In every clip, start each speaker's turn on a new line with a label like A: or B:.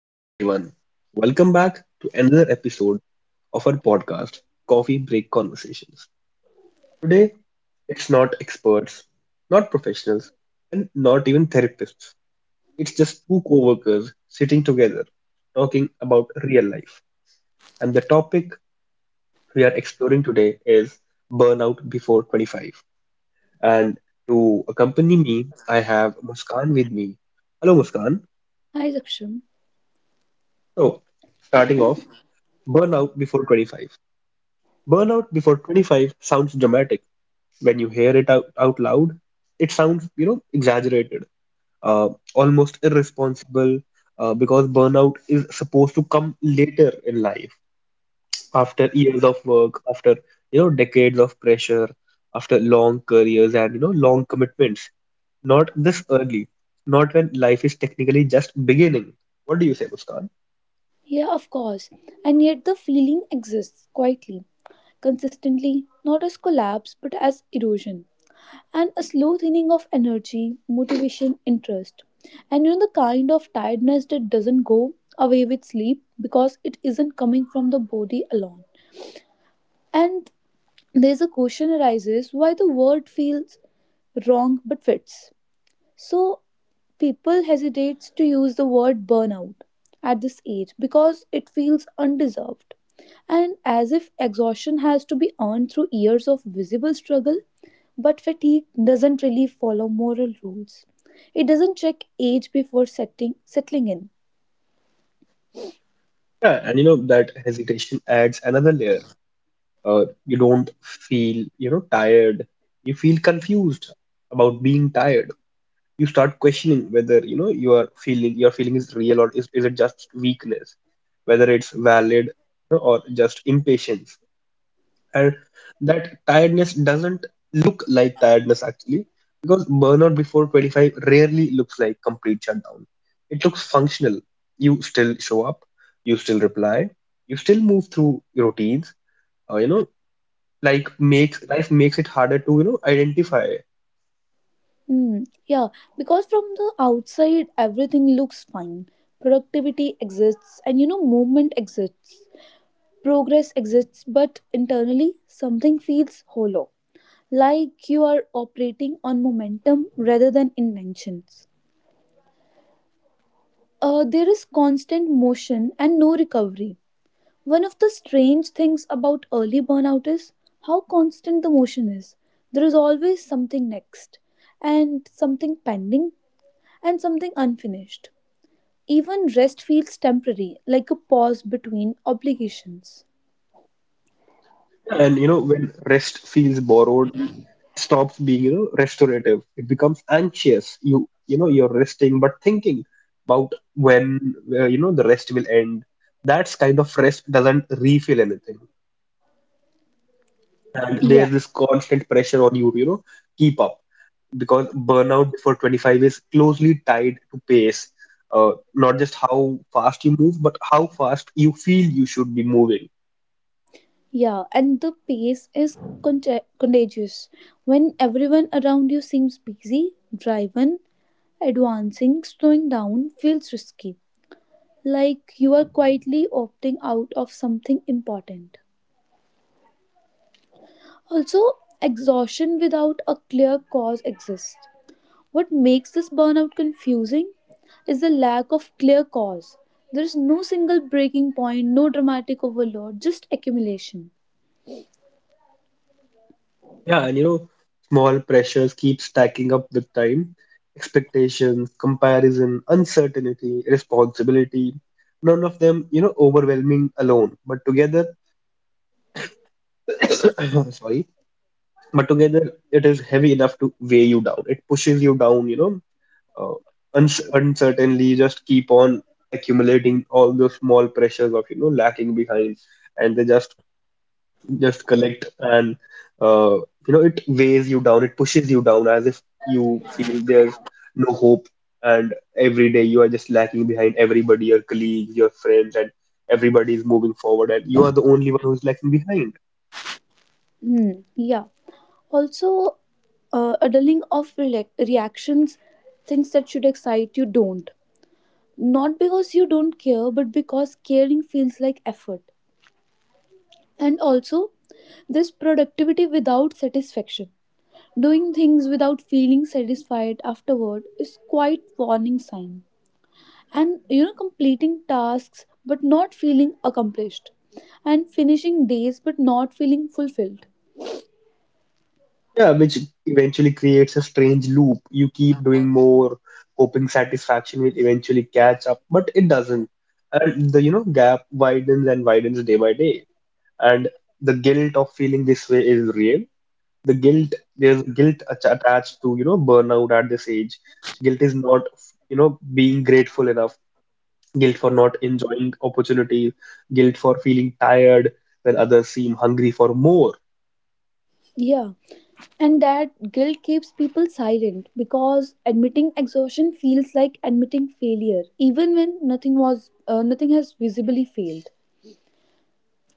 A: Hello, everyone. Welcome back to another episode of our podcast, Coffee Break Conversations. Today, it's not experts, not professionals, and not even therapists. It's just two co workers sitting together talking about real life. And the topic we are exploring today is burnout before 25. And to accompany me, I have Muskan with me. Hello, Muskan.
B: Hi, Raksham.
A: So, starting off, burnout before 25. Burnout before 25 sounds dramatic. When you hear it out loud, it sounds, you know, exaggerated, almost irresponsible, because burnout is supposed to come later in life, after years of work, after, you know, decades of pressure, after long careers and, you know, long commitments. Not this early, not when life is technically just beginning. What do you say, Muskan?
B: Yeah, of course. And yet the feeling exists quietly, consistently, not as collapse but as erosion. And a slow thinning of energy, motivation, interest. And you know the kind of tiredness that doesn't go away with sleep because it isn't coming from the body alone. And there's a question arises why the word feels wrong but fits. So people hesitates to use the word burnout at this age because it feels undeserved, and as if exhaustion has to be earned through years of visible struggle, but fatigue doesn't really follow moral rules. It doesn't check age before setting settling in.
A: Yeah, and you know, that hesitation adds another layer. You don't feel, you know, tired, you feel confused about being tired. You start questioning whether, you know, you are feeling your feeling is real, or is it just weakness, whether it's valid, you know, or just impatience. And that tiredness doesn't look like tiredness actually, because burnout before 25 rarely looks like complete shutdown. It looks functional. You still show up, you still reply, you still move through routines. You know, like makes life makes it harder to, you know, identify.
B: Hmm, yeah, because from the outside everything looks fine. Productivity exists, and movement exists. Progress exists, but internally something feels hollow, like you are operating on momentum rather than intentions. There is constant motion and no recovery. One of the strange things about early burnout is how constant the motion is. There is always something next, and something pending, and something unfinished. Even rest feels temporary, like a pause between obligations.
A: And you know, when rest feels borrowed, stops being, you know, restorative, it becomes anxious. You know, you're resting but thinking about when, you know, the rest will end. That's kind of rest doesn't refill anything. And
B: Yeah.
A: there's this constant pressure on you to, you know, keep up, because burnout before 25 is closely tied to pace, not just how fast you move but how fast you feel you should be moving.
B: Yeah, and the pace is contagious. When everyone around you seems busy, driving, advancing, slowing down feels risky. Like you are quietly opting out of something important. Also, exhaustion without a clear cause exists. What makes this burnout confusing is the lack of clear cause. There is no single breaking point, no dramatic overload, just accumulation.
A: Yeah, and you know, small pressures keep stacking up with time. Expectations, comparison, uncertainty, responsibility. None of them, you know, overwhelming alone. But together, sorry, but together it is heavy enough to weigh you down. It pushes you down, you know, uh, uncertainly. You just keep on accumulating all those small pressures of, you know, lacking behind, and they just collect and uh, you know, it weighs you down, it pushes you down, as if you feel there's no hope, and every day you are just lacking behind everybody, your colleagues, your friends, and everybody is moving forward and you are the only one who's lacking behind.
B: Hmm, yeah. Also, a dulling of reactions. Things that should excite you don't. Not because you don't care, but because caring feels like effort. And also, this productivity without satisfaction. Doing things without feeling satisfied afterward is quite warning sign. And completing tasks but not feeling accomplished. And finishing days but not feeling fulfilled.
A: Yeah, which eventually creates a strange loop. You keep doing more, hoping satisfaction will eventually catch up, but it doesn't, and the, you know, gap widens and widens day by day. And the guilt of feeling this way is real. The guilt, there's guilt attached to, you know, burnout at this age. Guilt is not, you know, being grateful enough. Guilt for not enjoying opportunities, guilt for feeling tired when others seem hungry for more.
B: Yeah, and that guilt keeps people silent because admitting exhaustion feels like admitting failure, even when nothing has visibly failed.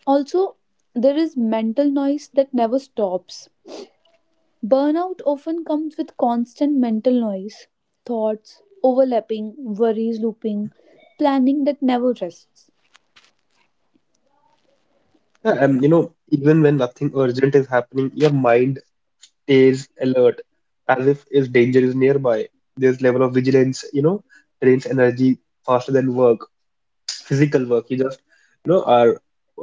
B: Also, there is mental noise that never stops. Burnout often comes with constant mental noise, thoughts overlapping, worries looping, planning that never rests.
A: Yeah, and you know, even when nothing urgent is happening, your mind stays alert as if danger is nearby. This level of vigilance, you know, drains energy faster than work. Physical work. You just, you know, are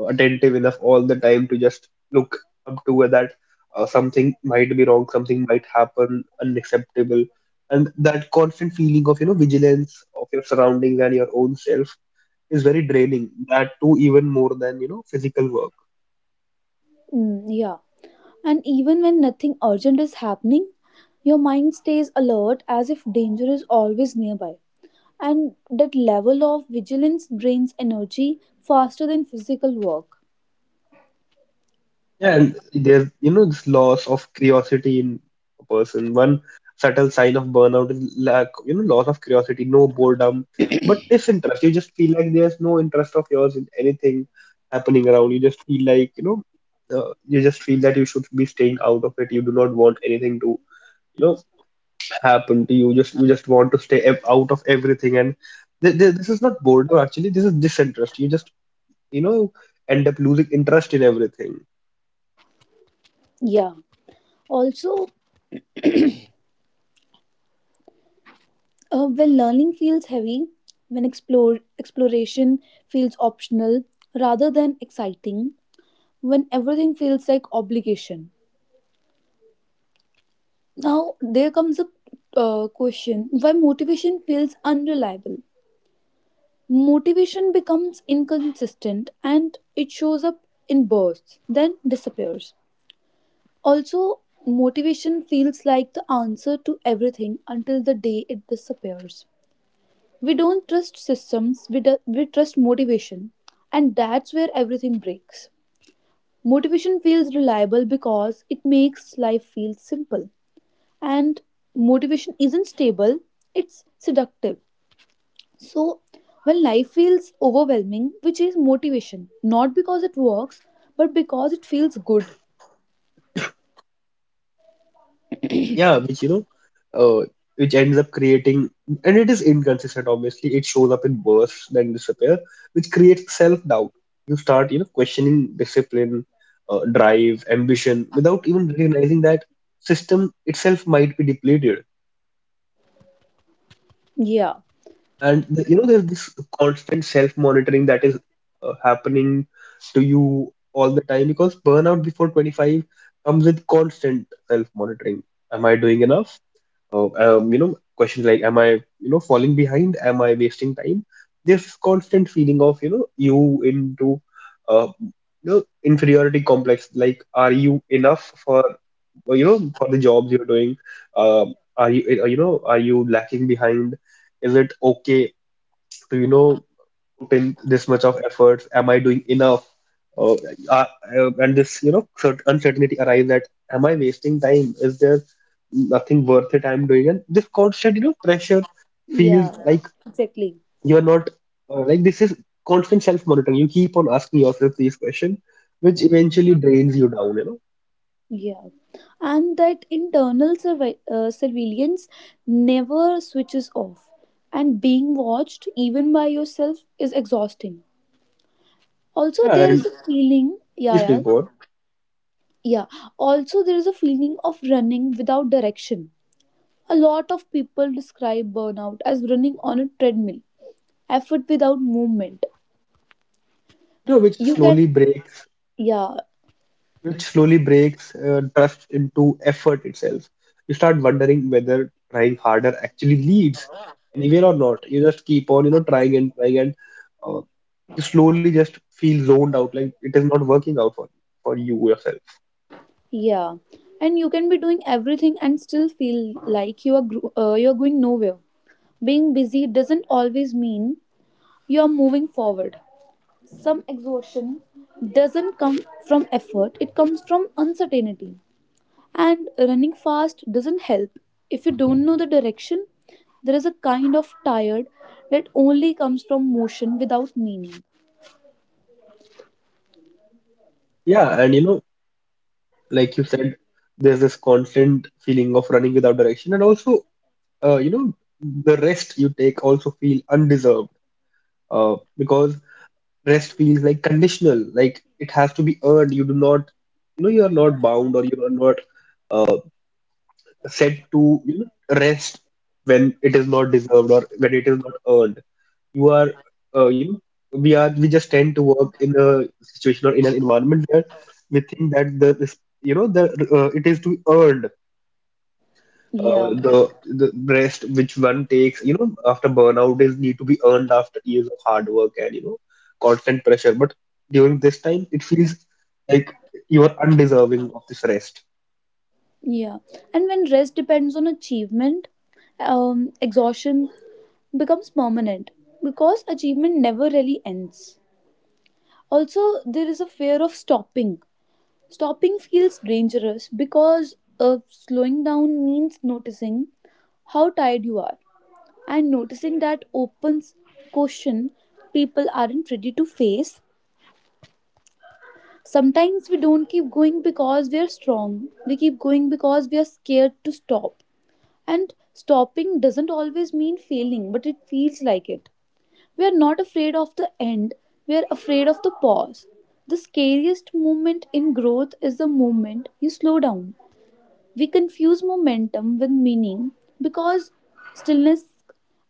A: attentive enough all the time to just look up to where that, something might be wrong, something might happen, unacceptable, and that constant feeling of, you know, vigilance of your surroundings and your own self is very draining. That too, even more than, you know, physical work.
B: Mm, yeah. And even when nothing urgent is happening, your mind stays alert as if danger is always nearby. And that level of vigilance drains energy faster than physical work.
A: Yeah, and there's, you know, this loss of curiosity in a person. One subtle sign of burnout is lack, you know, loss of curiosity, no boredom, but disinterest. You just feel like there's no interest of yours in anything happening around. You just feel like, you know, you just feel that you should be staying out of it. You do not want anything to, you know, happen to you. Just, you just want to stay out of everything. And th th this is not boredom actually. This is disinterest. You just, you know, end up losing interest in everything.
B: Yeah. Also, when learning feels heavy, when exploration feels optional rather than exciting, when everything feels like obligation. Now, there comes a question why motivation feels unreliable. Motivation becomes inconsistent, and it shows up in bursts, then disappears. Also, motivation feels like the answer to everything until the day it disappears. We don't trust systems, we trust motivation, and that's where everything breaks. Motivation feels reliable because it makes life feel simple, and motivation isn't stable, it's seductive. So, when life feels overwhelming, we chase motivation, not because it works, but because it feels good.
A: Yeah, which you know, uh, which ends up creating, and it is inconsistent. Obviously, it shows up in bursts, then disappear, which creates self-doubt. You start, you know, questioning discipline, drive, ambition, without even realizing that system itself might be depleted.
B: Yeah,
A: And the, you know, there's this constant self-monitoring that is happening to you all the time, because burnout before 25 comes with constant self-monitoring. Am I doing enough? You know, questions like, am I, you know, falling behind? Am I wasting time? This constant feeling of, you know, you into, you know, inferiority complex. Like, are you enough for, you know, for the jobs you're doing? Uh, are you, you know, are you lacking behind? Is it okay to, you know, put in this much of efforts? Am I doing enough? Uh, uh, and this, you know, uncertainty arrives that am I wasting time? Is there nothing worth it I'm doing? And this constant, you know, pressure feels
B: yeah, yeah.
A: like
B: Exactly.
A: you're not, like this is constant self-monitoring. You keep on asking yourself these questions, which eventually drains you down, you know.
B: Yeah, and that internal surveillance never switches off, and being watched even by yourself is exhausting. Also,
A: Yeah,
B: there
A: and
B: is a feeling, yeah,
A: please, please
B: yeah,
A: go on.
B: yeah. Also, there is a feeling of running without direction. A lot of people describe burnout as running on a treadmill, effort without movement.
A: You know, which
B: You can
A: slowly breaks
B: Yeah,
A: Which slowly breaks trust into effort itself. You start wondering whether trying harder actually leads anywhere or not. You just keep on, you know, trying and trying, and uh, you slowly just feel zoned out, like it is not working out for you yourself.
B: yeah. And you can be doing everything and still feel like you are you are going nowhere. Being busy doesn't always mean you are moving forward. Some exhaustion doesn't come from effort, it comes from uncertainty. And running fast doesn't help if you don't know the direction. There is a kind of tired that only comes from motion without meaning.
A: Yeah, and you know, like you said, there's this constant feeling of running without direction, and also, you know, the rest you take also feel undeserved. Because rest feels like conditional, like it has to be earned. You do not, you know, you are not bound, or you are not set to, you know, rest when it is not deserved or when it is not earned. You are, you know, we are, we just tend to work in a situation or in an environment where we think that the this, you know, the, it is to be earned, uh,
B: Yeah.
A: the the rest which one takes, you know, after burnout is need to be earned after years of hard work and, you know, constant pressure. But during this time it feels like you are undeserving of this rest.
B: Yeah. And when rest depends on achievement, exhaustion becomes permanent because achievement never really ends. Also, there is a fear of stopping. Stopping feels dangerous because slowing down means noticing how tired you are, and noticing that opens question people aren't ready to face. Sometimes we don't keep going because we are strong. We keep going because we are scared to stop. And stopping doesn't always mean failing, but it feels like it. We are not afraid of the end, we are afraid of the pause. The scariest moment in growth is the moment you slow down. We confuse momentum with meaning because stillness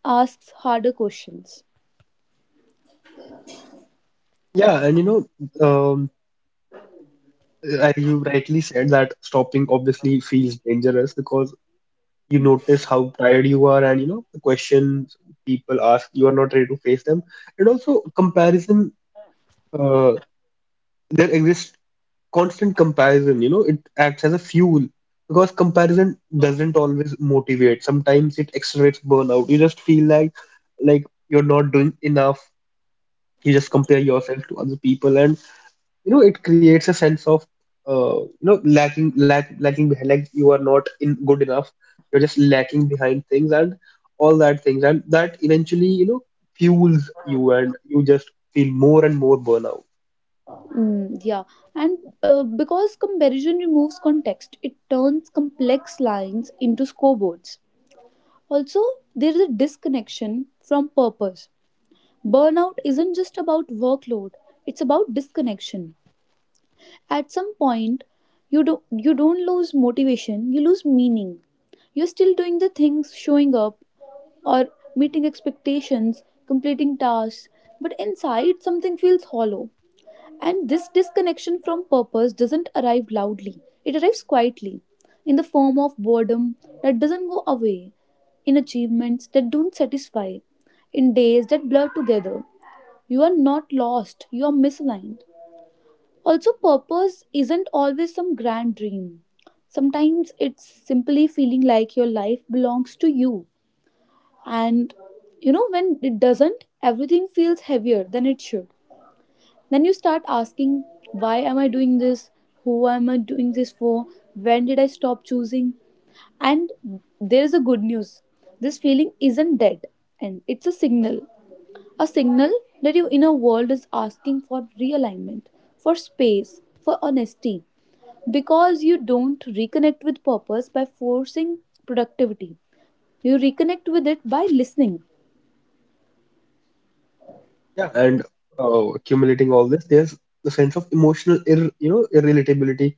B: asks harder questions.
A: Yeah, and you know, um, as you rightly said that stopping obviously feels dangerous because you notice how tired you are, and you know, the questions people ask, you are not ready to face them. And also comparison, uh, there exists constant comparison, you know, it acts as a fuel, because comparison doesn't always motivate. Sometimes it accelerates burnout. You just feel like you're not doing enough. You just compare yourself to other people, and you know, it creates a sense of, you know, lacking behind. Like you are not in good enough. You're just lacking behind things and all that things, and that eventually, you know, fuels you, and you just feel more and more burnout.
B: Mm, yeah, and because comparison removes context, it turns complex lines into scoreboards. Also, there is a disconnection from purpose. Burnout isn't just about workload, it's about disconnection. At some point, you don't lose motivation, you lose meaning. You're still doing the things, showing up, or meeting expectations, completing tasks, but inside something feels hollow. And this disconnection from purpose doesn't arrive loudly. It arrives quietly, in the form of boredom that doesn't go away, in achievements that don't satisfy, in days that blur together. You are not lost, you are misaligned. Also, purpose isn't always some grand dream. Sometimes it's simply feeling like your life belongs to you. And when it doesn't, everything feels heavier than it should. Then you start asking, why am I doing this? Who am I doing this for? When did I stop choosing? And there's a good news, this feeling isn't dead, and it's a signal. A signal that your inner world is asking for realignment, for space, for honesty. Because you don't reconnect with purpose by forcing productivity, you reconnect with it by listening.
A: Yeah, and accumulating all this, there's the sense of emotional, ir you know, irrelatability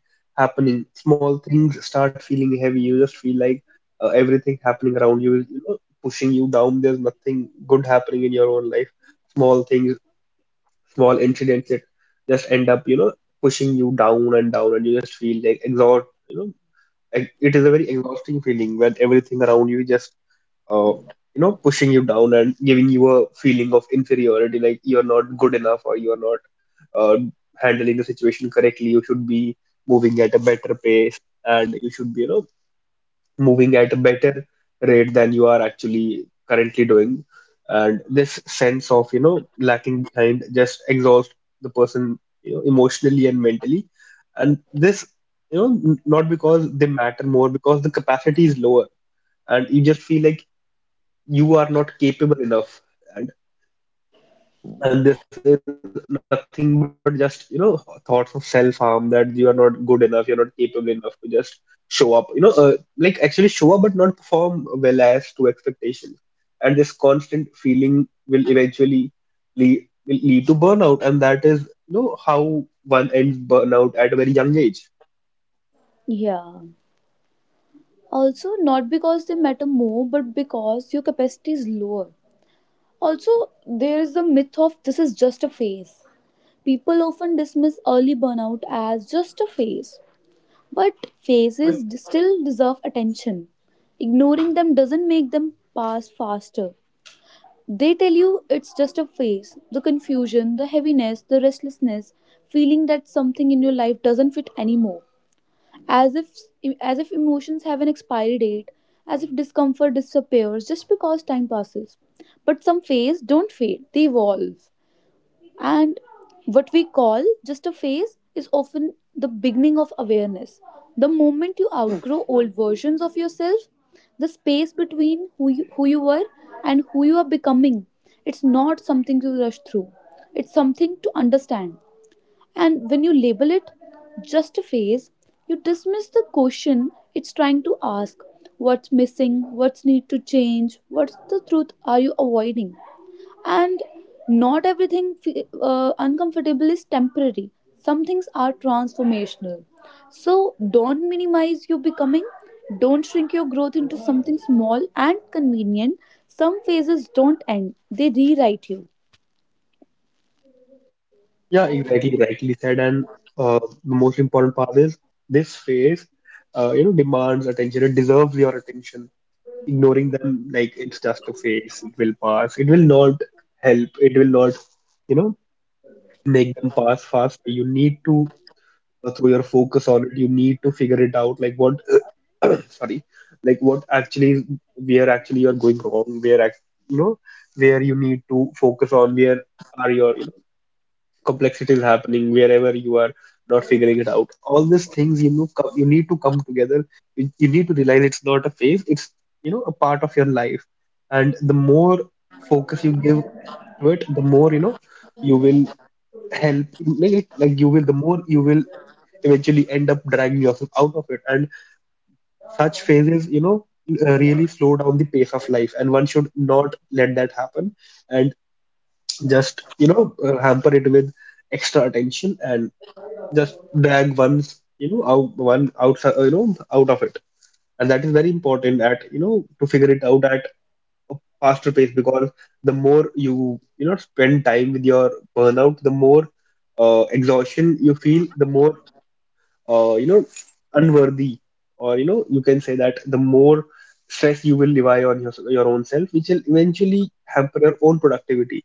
A: happening. Small things start feeling heavy. You just feel like, everything happening around you is, you know, pushing you down. There's nothing good happening in your own life. Small things, small incidents that just end up, you know, pushing you down and down, and you just feel like exhaust, you know, like, it is a very exhausting feeling when everything around you just, uh, you know, pushing you down and giving you a feeling of inferiority, like you're not good enough or you're not, uh, handling the situation correctly. You should be moving at a better pace, and you should be, you know, moving at a better rate than you are actually currently doing. And this sense of, you know, lacking behind just exhausts the person, you know, emotionally and mentally. And this, you know, not because they matter more, because the capacity is lower, and you just feel like you are not capable enough. And this is nothing but just, you know, thoughts of self-harm, that you are not good enough, you're not capable enough to just show up, you know, like actually show up but not perform well as to expectations. And this constant feeling will eventually lead to burnout, and that is, you know, how one ends burnout at a very young age.
B: Yeah. Also, not because they matter more, but because your capacity is lower. Also, there is the myth of this is just a phase. People often dismiss early burnout as just a phase. But faces
A: But
B: still deserve attention. Ignoring them doesn't make them pass faster. They tell you it's just a phase. The confusion, the heaviness, the restlessness, feeling that something in your life doesn't fit anymore. As if as if emotions have an expiry date, as if discomfort disappears just because time passes. But some phases don't fade, they evolve. And what we call just a phase is often the beginning of awareness. The moment you outgrow old versions of yourself, the space between who you were and who you are becoming, it's not something to rush through. It's something to understand. And when you label it just a phase, you dismiss the question it's trying to ask. What's missing? What's need to change? What's the truth are you avoiding? And not everything uncomfortable is temporary. Some things are transformational. So don't minimize your becoming. Don't shrink your growth into something small and convenient. Some phases don't end, they rewrite you.
A: yeah, exactly, rightly said. And the most important part is this phase, you know, demands attention. It deserves your attention. Ignoring them like it's just a phase, it will pass, it will not help. It will not, you know, make them pass fast. You need to, throw your focus on it. You need to figure it out, like what sorry, like what actually, where actually you are going wrong, where you know, where you need to focus on where are your complexity is happening, wherever you are not figuring it out. All these things, you need to come together. You need to realize it's not a phase, it's a part of your life. And the more focus you give to it, the more you will help, like you will, the more you will eventually end up dragging yourself out of it. And such phases, really slow down the pace of life, and one should not let that happen, and just hamper it with extra attention, and just drag one outside, out of it. And that is very important at, to figure it out at a faster pace, because the more you you know spend time with your burnout, the more exhaustion you feel, the more uh, you know unworthy, or you can say that, the more stress you will rely on your own self, which will eventually hamper your own productivity.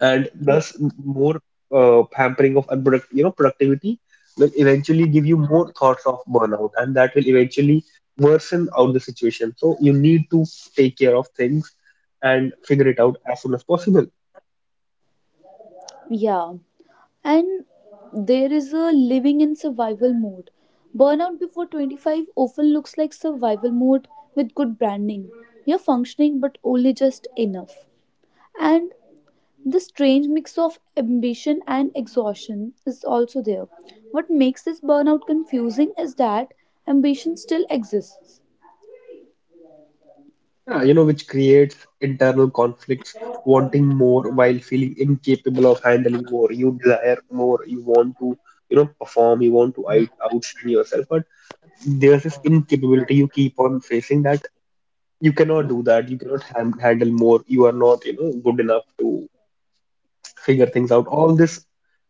A: And thus more pampering of unproduct you know productivity will eventually give you more thoughts of burnout, and that will eventually worsen out the situation. So you need to take care of things and figure it out as soon as possible.
B: Yeah. And there is a living in survival mode. Burnout before 25 often looks like survival mode with good branding. You're functioning, but only just enough. And the strange mix of ambition and exhaustion is also there. What makes this burnout confusing is that ambition still exists.
A: Yeah, which creates internal conflicts, wanting more while feeling incapable of handling more. You desire more, you want to perform, you want to outshine yourself, but there's this incapability you keep on facing, that you cannot do that, you cannot handle more, you are not good enough to figure things out. All this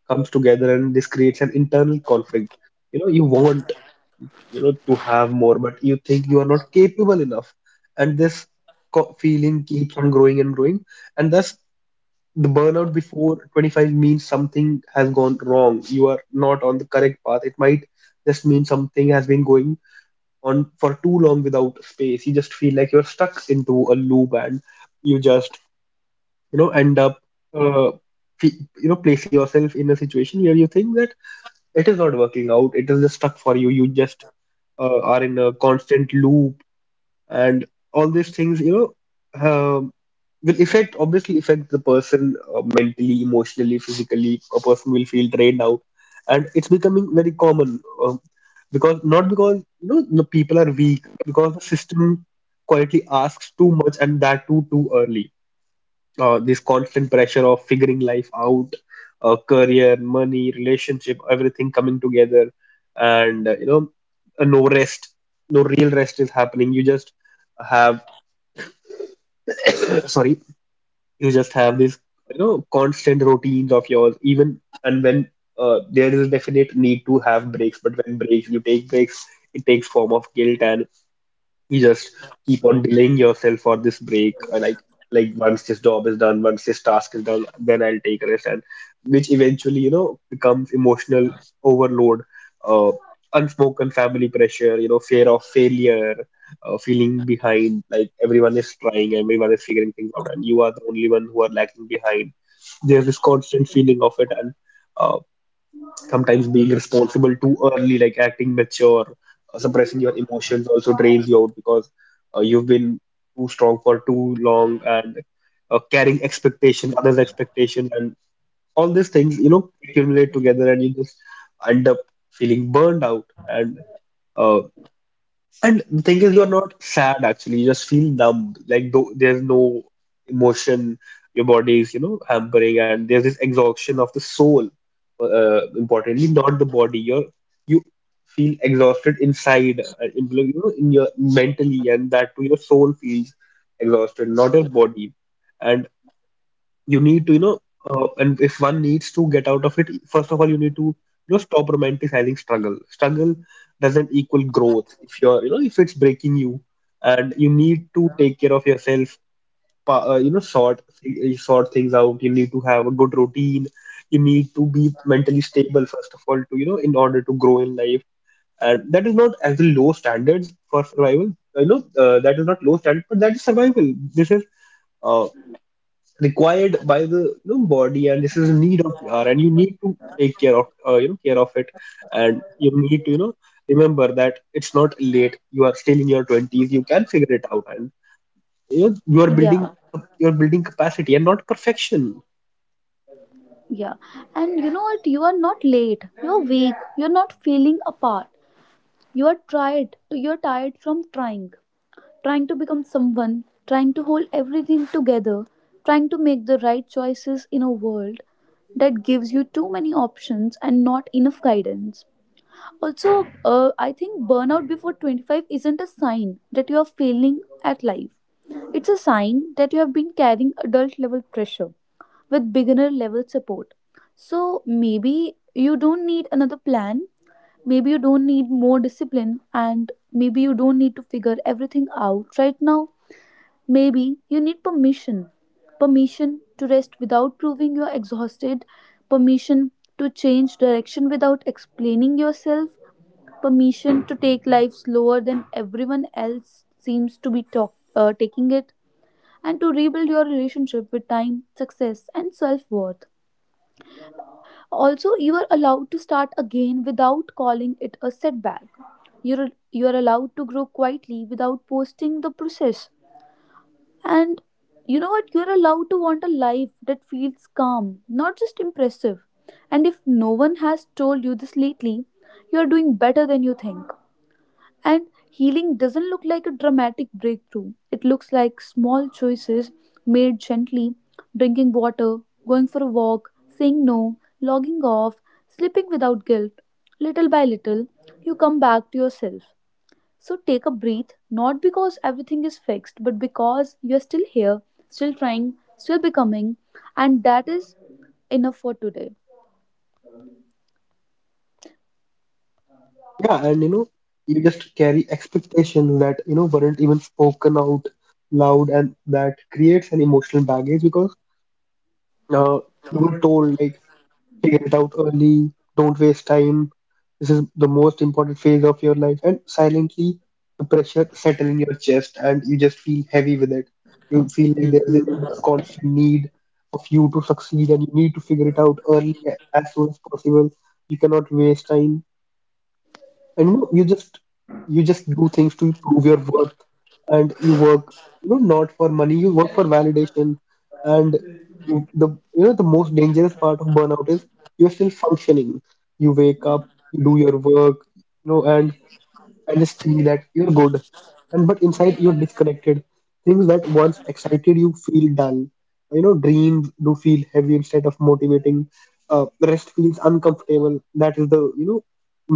A: comes together, and this creates an internal conflict. You want, to have more, but you think you are not capable enough. And this feeling keeps on growing and growing. And thus the burnout before 25 means something has gone wrong, you are not on the correct path. It might just mean something has been going on for too long without space. You just feel like you're stuck into a loop, and you just end up uh, placing yourself in a situation where you think that it is not working out, it is just stuck for you. You just are in a constant loop. And all these things, will affect, obviously affect the person mentally, emotionally, physically. A person will feel drained out, and it's becoming very common. um, because not because the people are weak, because the system quietly asks too much, and that too early. This constant pressure of figuring life out, career, money, relationship, everything coming together. And no rest, no real rest is happening. You just have sorry, you just have this, constant routines of yours. Even, and when there is a definite need to have breaks, but when breaks you take breaks, it takes form of guilt. And you just keep on delaying yourself for this break, or like once this job is done, once this task is done, then I'll take a rest. And which eventually becomes emotional overload. uh Unspoken family pressure, fear of failure, feeling behind, like everyone is trying, everyone is figuring things out, and you are the only one who are lacking behind. There's this constant feeling of it. And uh, sometimes being responsible too early, like acting mature, suppressing your emotions also drains you out, because you've been too strong for too long. And carrying expectation, others' expectation, and all these things, accumulate together, and you just end up feeling burned out. Uh, and the thing is, you're not sad actually. You just feel numb. Like, though there's no emotion. Your body is, hampering, and there's this exhaustion of the soul. Importantly, not the body. You feel exhausted inside, in your mentally, and that too, your soul feels exhausted, not your body. And you need to and if one needs to get out of it, first of all you need to stop romanticizing struggle. Struggle doesn't equal growth if you're, if it's breaking you. And you need to take care of yourself, pa- uh, you know sort sort things out. You need to have a good routine, you need to be mentally stable first of all to, in order to grow in life. And that is not as low standards for survival, that is not low standard, but that is survival. This is uh, required by the, body, and this is a need of the hour, and you need to take care of care of it. And you need to remember that it's not late, you are still in your 20s, you can figure it out. And you are building,
B: Yeah,
A: you're building capacity and not perfection.
B: yeah. And you know what? You are not late. You're weak. You're not feeling apart. You are tired. You're tired from trying. Trying to become someone, trying to hold everything together, trying to make the right choices in a world that gives you too many options and not enough guidance. Also, I think burnout before 25 isn't a sign that you are failing at life. It's a sign that you have been carrying adult level pressure with beginner level support. So maybe you don't need another plan, maybe you don't need more discipline, and maybe you don't need to figure everything out right now. Maybe you need permission. Permission to rest without proving you're exhausted, permission to change direction without explaining yourself, permission to take life slower than everyone else seems to be taking it, and to rebuild your relationship with time, success, and self worth. Also, you are allowed to start again without calling it a setback. You are allowed to grow quietly without posting the process. And you know what? You're allowed to want a life that feels calm, not just impressive. And if no one has told you this lately, you're doing better than you think. And healing doesn't look like a dramatic breakthrough. It looks like small choices made gently: drinking water, going for a walk, saying no, logging off, sleeping without guilt. Little by little, you come back to yourself. So take a breath, not because everything is fixed, but because you're still here, still trying, still becoming, and that is enough for today.
A: Yeah, and you just carry expectations that weren't even spoken out loud, and that creates an emotional baggage, because uh, you were told, like, figure it out early. Don't waste time. This is the most important phase of your life. And silently, the pressure settle in your chest, and you just feel heavy with it. You feel like there's a constant need of you to succeed, and you need to figure it out early, as soon as possible. You cannot waste time. And you just, you just do things to prove your worth. And you work, not for money, you work for validation. And you the the most dangerous part of burnout is, you're still functioning, you wake up, you do your work, know and and just think that you're good. And but inside you're disconnected, things that once excited you feel dull. Dreams do feel heavy instead of motivating. Rest feels uncomfortable, that is the,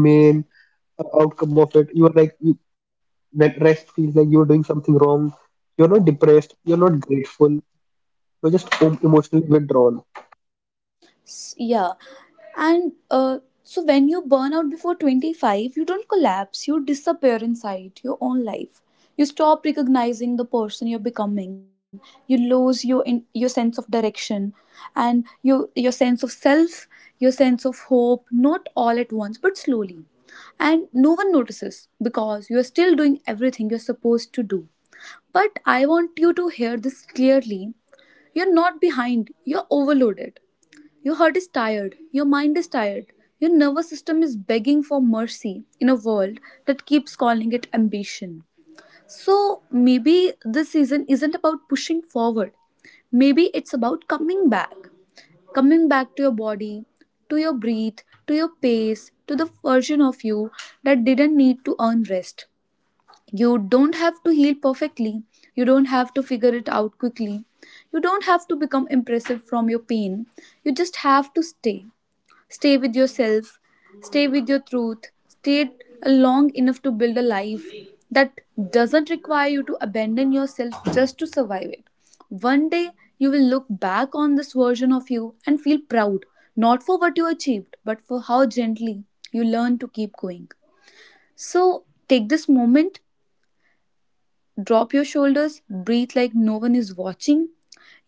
A: main outcome of it. You are like, you, that rest feels like you're doing something wrong. You're not depressed. You're not grateful. You're just emotionally withdrawn.
B: Yeah, and so when you burn out before 25, you don't collapse, you disappear inside your own life. You stop recognizing the person you're becoming. You lose your sense of direction, and your sense of self, your sense of hope, not all at once but slowly. And no one notices because you're still doing everything you're supposed to do. But I want you to hear this clearly: you're not behind, you're overloaded. Your heart is tired, your mind is tired, your nervous system is begging for mercy in a world that keeps calling it ambition. So maybe this season isn't about pushing forward. Maybe it's about coming back. Coming back to your body, to your breathe, to your pace, to the version of you that didn't need to earn rest. You don't have to heal perfectly. You don't have to figure it out quickly. You don't have to become impressive from your pain. You just have to stay. Stay with yourself, stay with your truth, stay long enough to build a life that doesn't require you to abandon yourself just to survive it. One day, you will look back on this version of you and feel proud, not for what you achieved, but for how gently you learned to keep going. So, take this moment. Drop your shoulders, breathe like no one is watching.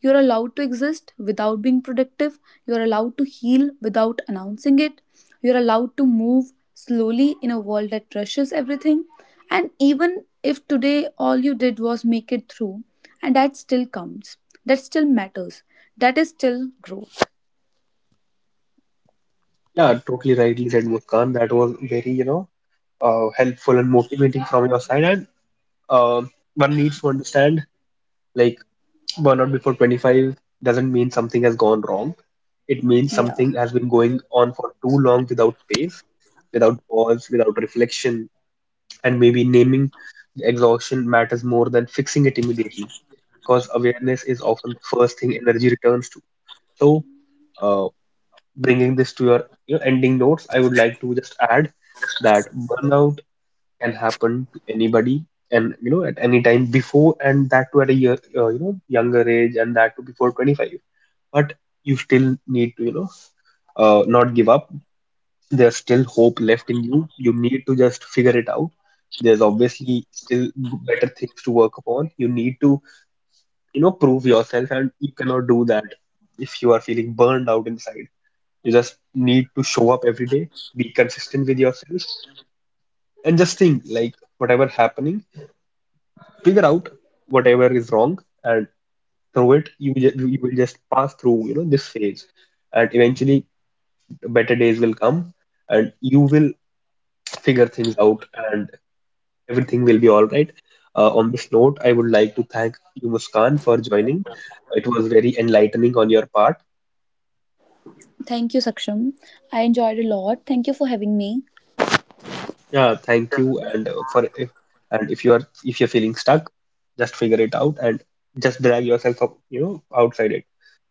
B: You're allowed to exist without being productive. You're allowed to heal without announcing it. You're allowed to move slowly in a world that rushes everything. And even if today all you did was make it through, and that still counts, that still matters, that is still growth.
A: Yeah, totally rightly said, Muskan. That was very, helpful and motivating from your side. And um one needs to understand, like, burnout before 25 doesn't mean something has gone wrong. It means
B: Yeah.
A: something has been going on for too long without pace, without pause, without reflection, and maybe naming the exhaustion matters more than fixing it immediately, because awareness is often the first thing energy returns to. So, uh, bringing this to your, ending notes, I would like to just add that burnout can happen to anybody, and at any time before, and that to at a year, younger age, and that to before 25. But you still need to not give up, there's still hope left in you, you need to just figure it out. There's obviously still better things to work upon, you need to prove yourself, and you cannot do that if you are feeling burned out inside. You just need to show up every day, be consistent with yourself, and just think, like, whatever happening, figure out whatever is wrong. And through it you will just pass through, this phase. And eventually better days will come, and you will figure things out, and everything will be all right. On this note, I would like to thank you, Muskan, for joining. It was very enlightening on your part.
B: Thank you, Saksham. I enjoyed a lot. Thank you for having me.
A: Yeah, thank you. And if you are if you're feeling stuck, just figure it out, and just drag yourself up, outside it.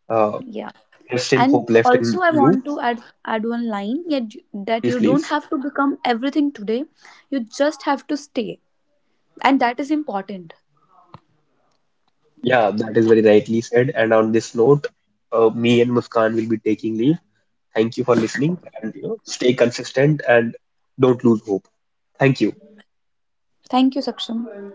A: Uh,
B: Yeah.
A: there's still
B: And
A: hope left in
B: also, I
A: you.
B: want to add one line yet, that
A: Please,
B: you don't
A: please.
B: have to become everything today. You just have to stay, and that is important.
A: Yeah, that is very rightly said. And on this note, me and Muskan will be taking leave. Thank you for listening, and stay consistent, and don't lose hope. Thank you.
B: Thank you, Saksham.